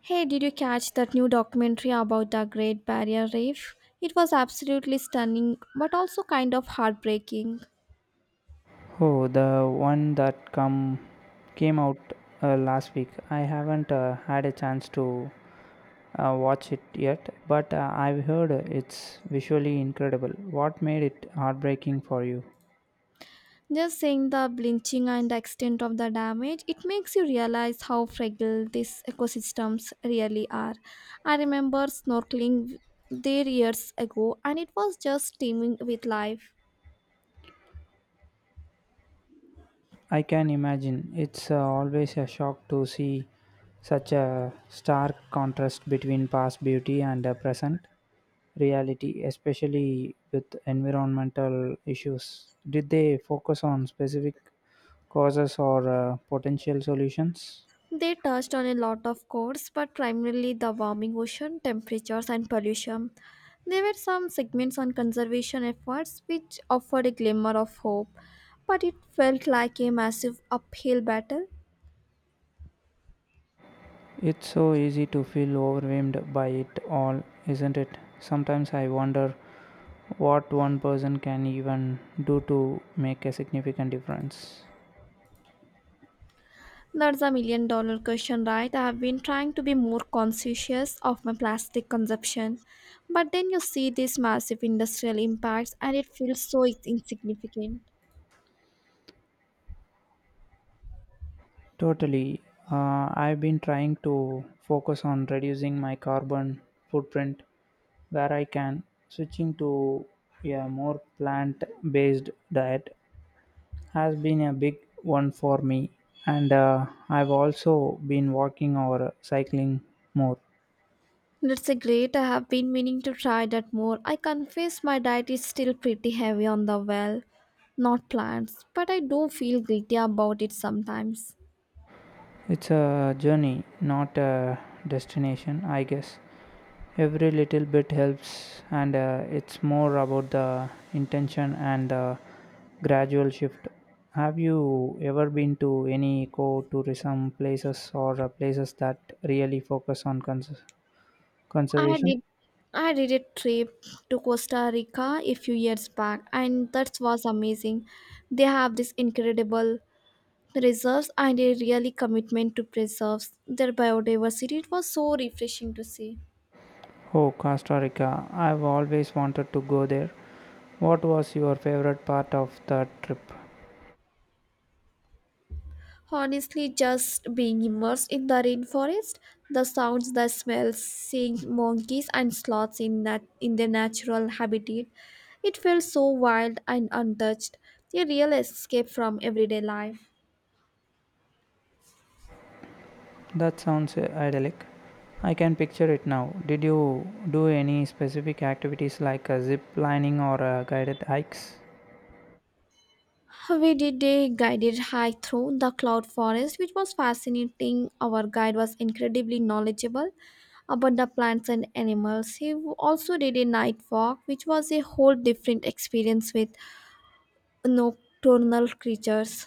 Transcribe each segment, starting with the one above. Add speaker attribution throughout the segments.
Speaker 1: Hey, did you catch that new documentary about the Great Barrier Reef? It was absolutely stunning, but also kind of heartbreaking.
Speaker 2: Oh, the one that come came out last week. I haven't had a chance to watch it yet, but I've heard it's visually incredible. What made it heartbreaking for you?
Speaker 1: Just seeing the blinching and the extent of the damage, it makes you realize how fragile these ecosystems really are. I remember snorkeling there years ago, and it was just teeming with life.
Speaker 2: I can imagine. It's always a shock to see such a stark contrast between past beauty and present reality, especially with environmental issues. Did they focus on specific causes or potential solutions?
Speaker 1: They touched on a lot of cores, but primarily the warming ocean, temperatures, and pollution. There were some segments on conservation efforts which offered a glimmer of hope, but it felt like a massive uphill battle.
Speaker 2: It's so easy to feel overwhelmed by it all, isn't it? Sometimes I wonder what one person can even do to make a significant difference.
Speaker 1: That's a million dollar question, right? I have been trying to be more conscientious of my plastic consumption, but then you see these massive industrial impacts and it feels so insignificant.
Speaker 2: Totally. I've been trying to focus on reducing my carbon footprint where I can, switching to a more plant based diet has been a big one for me, and I've also been walking or cycling more.
Speaker 1: That's a great. I have been meaning to try that more. I confess my diet is still pretty heavy on the well, not plants, but I do feel guilty about it sometimes.
Speaker 2: It's a journey, not a destination, I guess. Every little bit helps, and it's more about the intention and the gradual shift. Have you ever been to any eco tourism places or places that really focus on
Speaker 1: I
Speaker 2: conservation?
Speaker 1: did I did a trip to Costa Rica a few years back and that was amazing. They have this incredible reserves and a really commitment to preserves their biodiversity. It was so refreshing to see.
Speaker 2: Oh, Costa Rica. I've always wanted to go there. What was your favorite part of the trip?
Speaker 1: Honestly, just being immersed in the rainforest, the sounds, the smells, seeing monkeys and sloths in, in their natural habitat, it felt so wild and untouched, a real escape from everyday life.
Speaker 2: That sounds idyllic. I can picture it now. Did you do any specific activities like a zip lining or guided hikes?
Speaker 1: We did a guided hike through the cloud forest, which was fascinating. Our guide was incredibly knowledgeable about the plants and animals. He also did a night walk, which was a whole different experience with nocturnal creatures.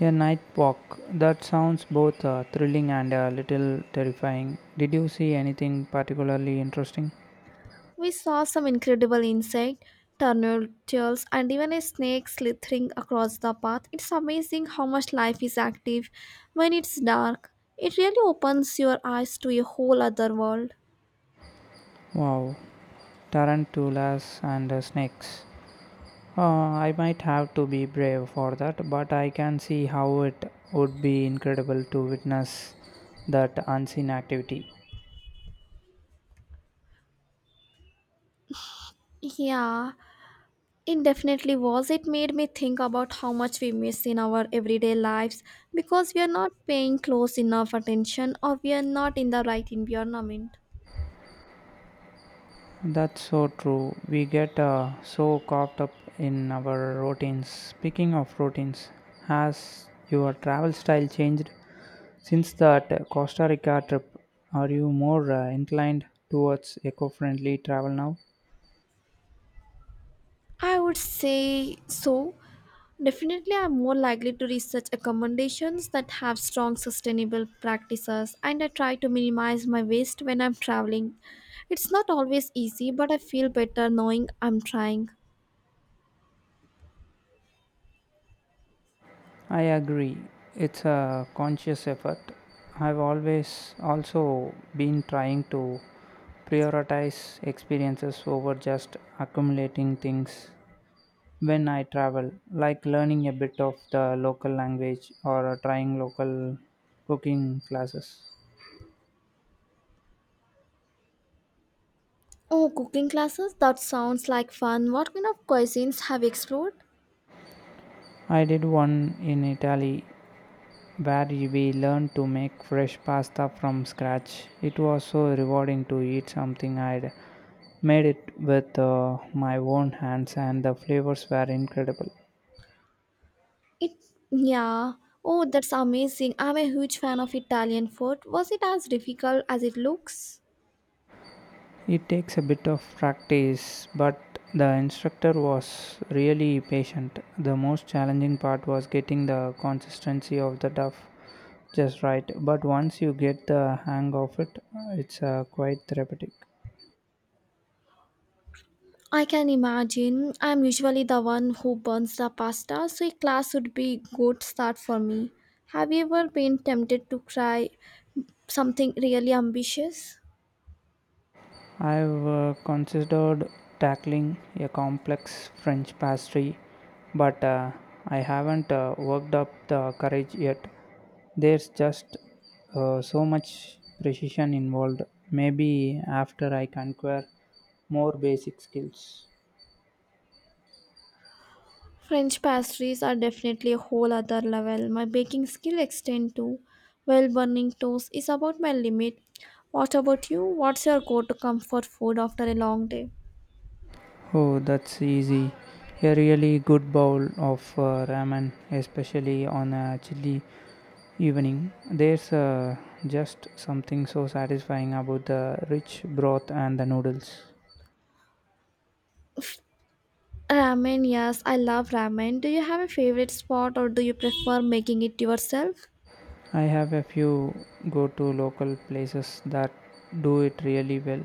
Speaker 2: A night walk. That sounds both thrilling and a little terrifying. Did you see anything particularly interesting?
Speaker 1: We saw some incredible insect, turtles, and even a snake slithering across the path. It's amazing how much life is active when it's dark. It really opens your eyes to a whole other world.
Speaker 2: Wow, tarantulas and snakes. I might have to be brave for that, but I can see how it would be incredible to witness that unseen activity.
Speaker 1: Yeah, it definitely was. It made me think about how much we miss in our everyday lives because we are not paying close enough attention or we are not in the right environment.
Speaker 2: That's so true. We get so caught up in our routines. Speaking of routines, has your travel style changed since that Costa Rica trip? Are you more inclined towards eco friendly travel now?
Speaker 1: I would say so. Definitely, I'm more likely to research accommodations that have strong sustainable practices, and I try to minimize my waste when I'm traveling. It's not always easy, but I feel better knowing I'm trying.
Speaker 2: I agree. It's a conscious effort. I've always also been trying to prioritize experiences over just accumulating things when I travel, like learning a bit of the local language or trying local cooking classes.
Speaker 1: Oh, cooking classes? That sounds like fun. What kind of cuisines have you explored?
Speaker 2: I did one in Italy where we learned to make fresh pasta from scratch. It was so rewarding to eat something I'd made it with my own hands, and the flavors were incredible.
Speaker 1: It, yeah. Oh, that's amazing. I'm a huge fan of Italian food. Was it as difficult as it looks?
Speaker 2: It takes a bit of practice, but the instructor was really patient. The most challenging part was getting the consistency of the dough just right, but once you get the hang of it, it's quite therapeutic.
Speaker 1: I can imagine. I'm usually the one who burns the pasta, so a class would be good start for me. Have you ever been tempted to try something really ambitious?
Speaker 2: I've considered tackling a complex French pastry, but I haven't worked up the courage yet. There's just so much precision involved. Maybe after I conquer more basic skills.
Speaker 1: French pastries are definitely a whole other level. My baking skill extend to well burning toast is about my limit. What about you? What's your go-to comfort food after a long day?
Speaker 2: Oh, that's easy. A really good bowl of ramen, especially on a chilly evening. There's Just something so satisfying about the rich broth and the noodles.
Speaker 1: Ramen, yes, I love ramen. Do you have a favorite spot or do you prefer making it yourself?
Speaker 2: I have a few go to local places that do it really well.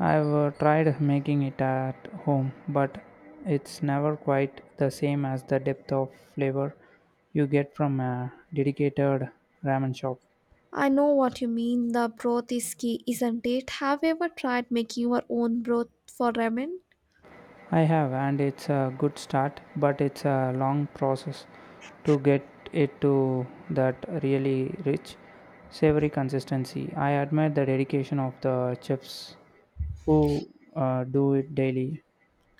Speaker 2: I've tried making it at home, but it's never quite the same as the depth of flavor you get from a dedicated ramen shop.
Speaker 1: I know what you mean. The broth is key, isn't it? Have you ever tried making your own broth for ramen?
Speaker 2: I have, and it's a good start, but it's a long process to get it to that really rich, savory consistency. I admire the dedication of the chefs who do it daily.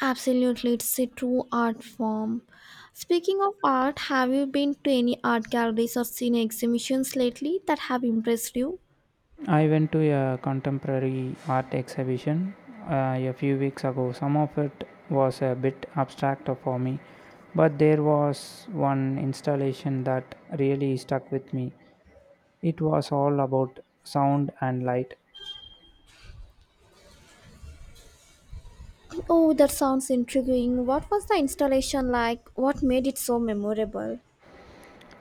Speaker 1: Absolutely, it's a true art form. Speaking of art, have you been to any art galleries or seen exhibitions lately that have impressed you?
Speaker 2: I went to a contemporary art exhibition a few weeks ago. Some of it was a bit abstract for me, but there was one installation that really stuck with me. It was all about sound and light.
Speaker 1: Oh, that sounds intriguing. What was the installation like? What made it so memorable?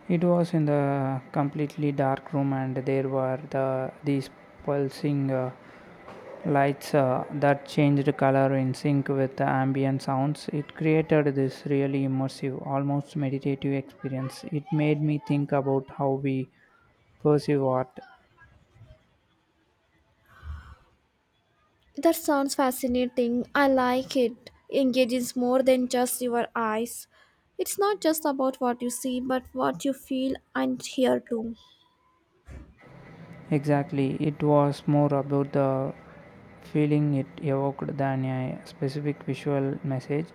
Speaker 2: It was in the completely dark room and there were these pulsing lights that changed color in sync with the ambient sounds. It created this really immersive, almost meditative experience. It made me think about how we perceive art.
Speaker 1: That sounds fascinating. I like it. Engages more than just your eyes. It's not just about what you see, but what you feel and hear too.
Speaker 2: Exactly, it was more about the feeling it evoked than a specific visual message.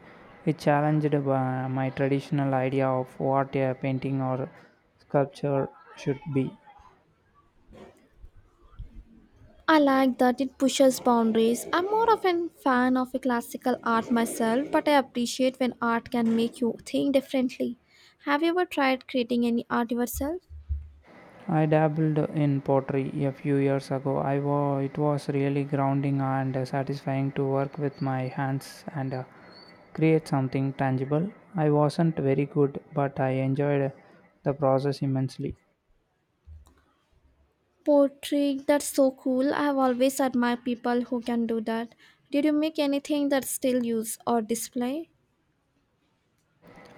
Speaker 2: It challenged my traditional idea of what a painting or sculpture should be.
Speaker 1: I like that it pushes boundaries. I'm more of a fan of a classical art myself, but I appreciate when art can make you think differently. Have you ever tried creating any art yourself?
Speaker 2: I dabbled in pottery a few years ago. It was really grounding and satisfying to work with my hands and create something tangible. I wasn't very good, but I enjoyed the process immensely.
Speaker 1: Poetry, that's so cool. I have always admired people who can do that. Did you make anything that's still used or display?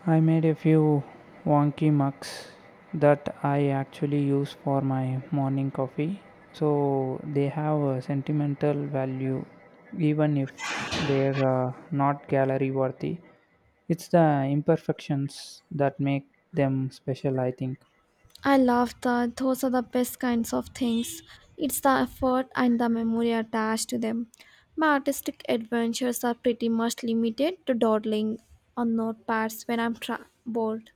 Speaker 2: I made a few wonky mugs that I actually use for my morning coffee, so they have a sentimental value even if they're not gallery worthy. It's the imperfections that make them special, I think.
Speaker 1: I love that. Those are the best kinds of things. It's the effort and the memory attached to them. My artistic adventures are pretty much limited to dawdling on notepads when I'm bored.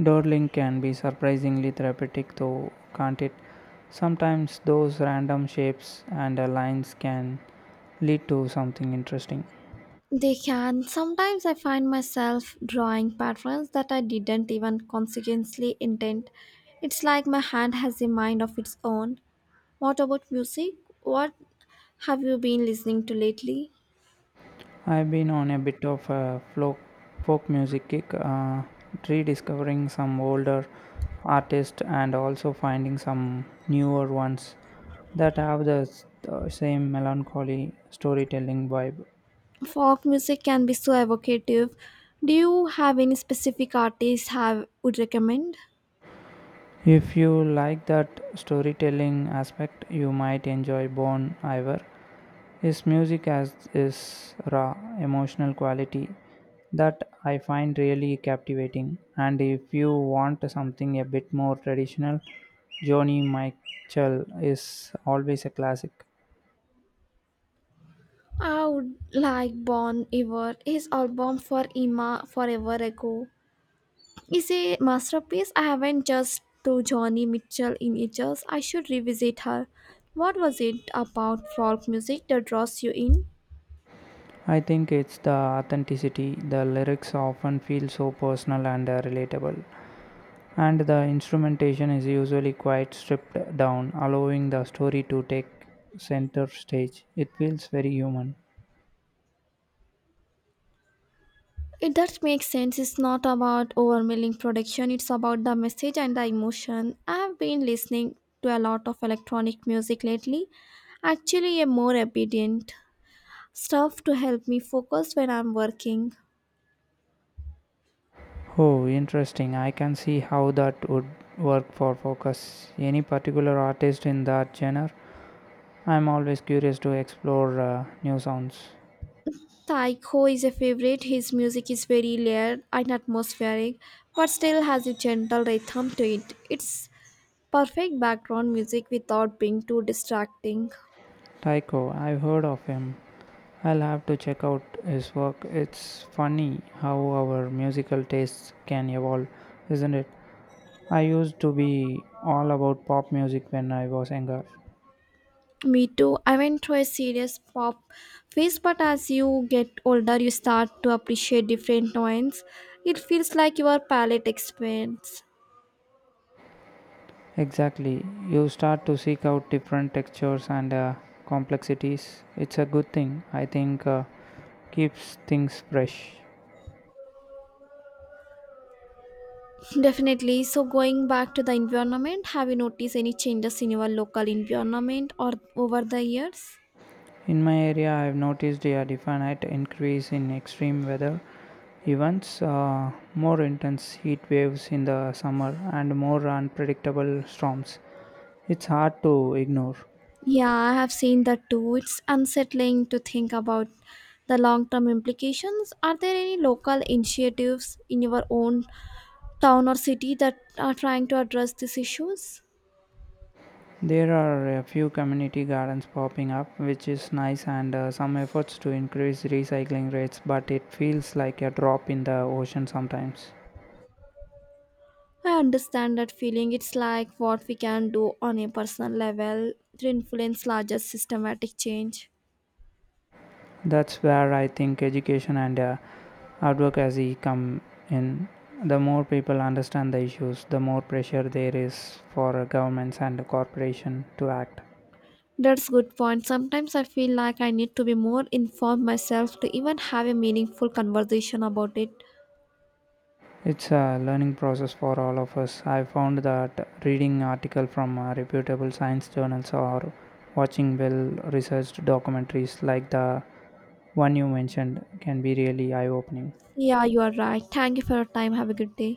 Speaker 2: Dawdling can be surprisingly therapeutic, though, can't it? Sometimes those random shapes and lines can lead to something interesting.
Speaker 1: They can. Sometimes I find myself drawing patterns that I didn't even consciously intend. It's like my hand has a mind of its own. What about music? What have you been listening to lately?
Speaker 2: I've been on a bit of a folk music kick, rediscovering some older artists and also finding some newer ones that have the same melancholy storytelling vibe.
Speaker 1: Folk music can be so evocative. Do you have any specific artists have would recommend?
Speaker 2: If you like that storytelling aspect, you might enjoy Bon Iver. His music has this raw, emotional quality that I find really captivating. And if you want something a bit more traditional, Joni Mitchell is always a classic.
Speaker 1: I would like Bon Iver. His album For Emma, Forever Ago is a masterpiece. I haven't just to Johnny Mitchell in ages. I should revisit her. What was it about folk music that draws you in?
Speaker 2: I think it's the authenticity. The lyrics often feel so personal and relatable. And the instrumentation is usually quite stripped down, allowing the story to take center stage. It feels very human.
Speaker 1: It does make sense. It's not about overwhelming production, it's about the message and the emotion. I've been listening to a lot of electronic music lately, actually, a more obedient stuff to help me focus when I'm working.
Speaker 2: Oh, interesting. I can see how that would work for focus. Any particular artist in that genre? I'm always curious to explore new sounds.
Speaker 1: Taiko is a favorite. His music is very layered and atmospheric, but still has a gentle rhythm to it. It's perfect background music without being too distracting.
Speaker 2: Tycho, I've heard of him. I'll have to check out his work. It's funny how our musical tastes can evolve, isn't it? I used to be all about pop music when I was younger.
Speaker 1: Me too. I went through a serious pop phase, but as you get older, you start to appreciate different tones. It feels like your palette expands.
Speaker 2: Exactly. You start to seek out different textures and complexities. It's a good thing. I think Keeps things fresh.
Speaker 1: Definitely. So, going back to the environment, have you noticed any changes in your local environment or over the years?
Speaker 2: In my area, I've noticed a definite increase in extreme weather events, more intense heat waves in the summer, and more unpredictable storms. It's hard to ignore.
Speaker 1: Yeah, I have seen that too. It's unsettling to think about the long term implications. Are there any local initiatives in your own town or city that are trying to address these issues?
Speaker 2: There are a few community gardens popping up, which is nice, and some efforts to increase recycling rates, but it feels like a drop in the ocean sometimes.
Speaker 1: I understand that feeling. It's like what we can do on a personal level to influence larger systematic change.
Speaker 2: That's where I think education and advocacy come in. The more people understand the issues, the more pressure there is for governments and corporations to act.
Speaker 1: That's good point. Sometimes I feel like I need to be more informed myself to even have a meaningful conversation about it.
Speaker 2: It's a learning process for all of us. I found that reading article from reputable science journals or watching well-researched documentaries like the one you mentioned can be really eye-opening.
Speaker 1: Yeah, you are right. Thank you for your time. Have a good day.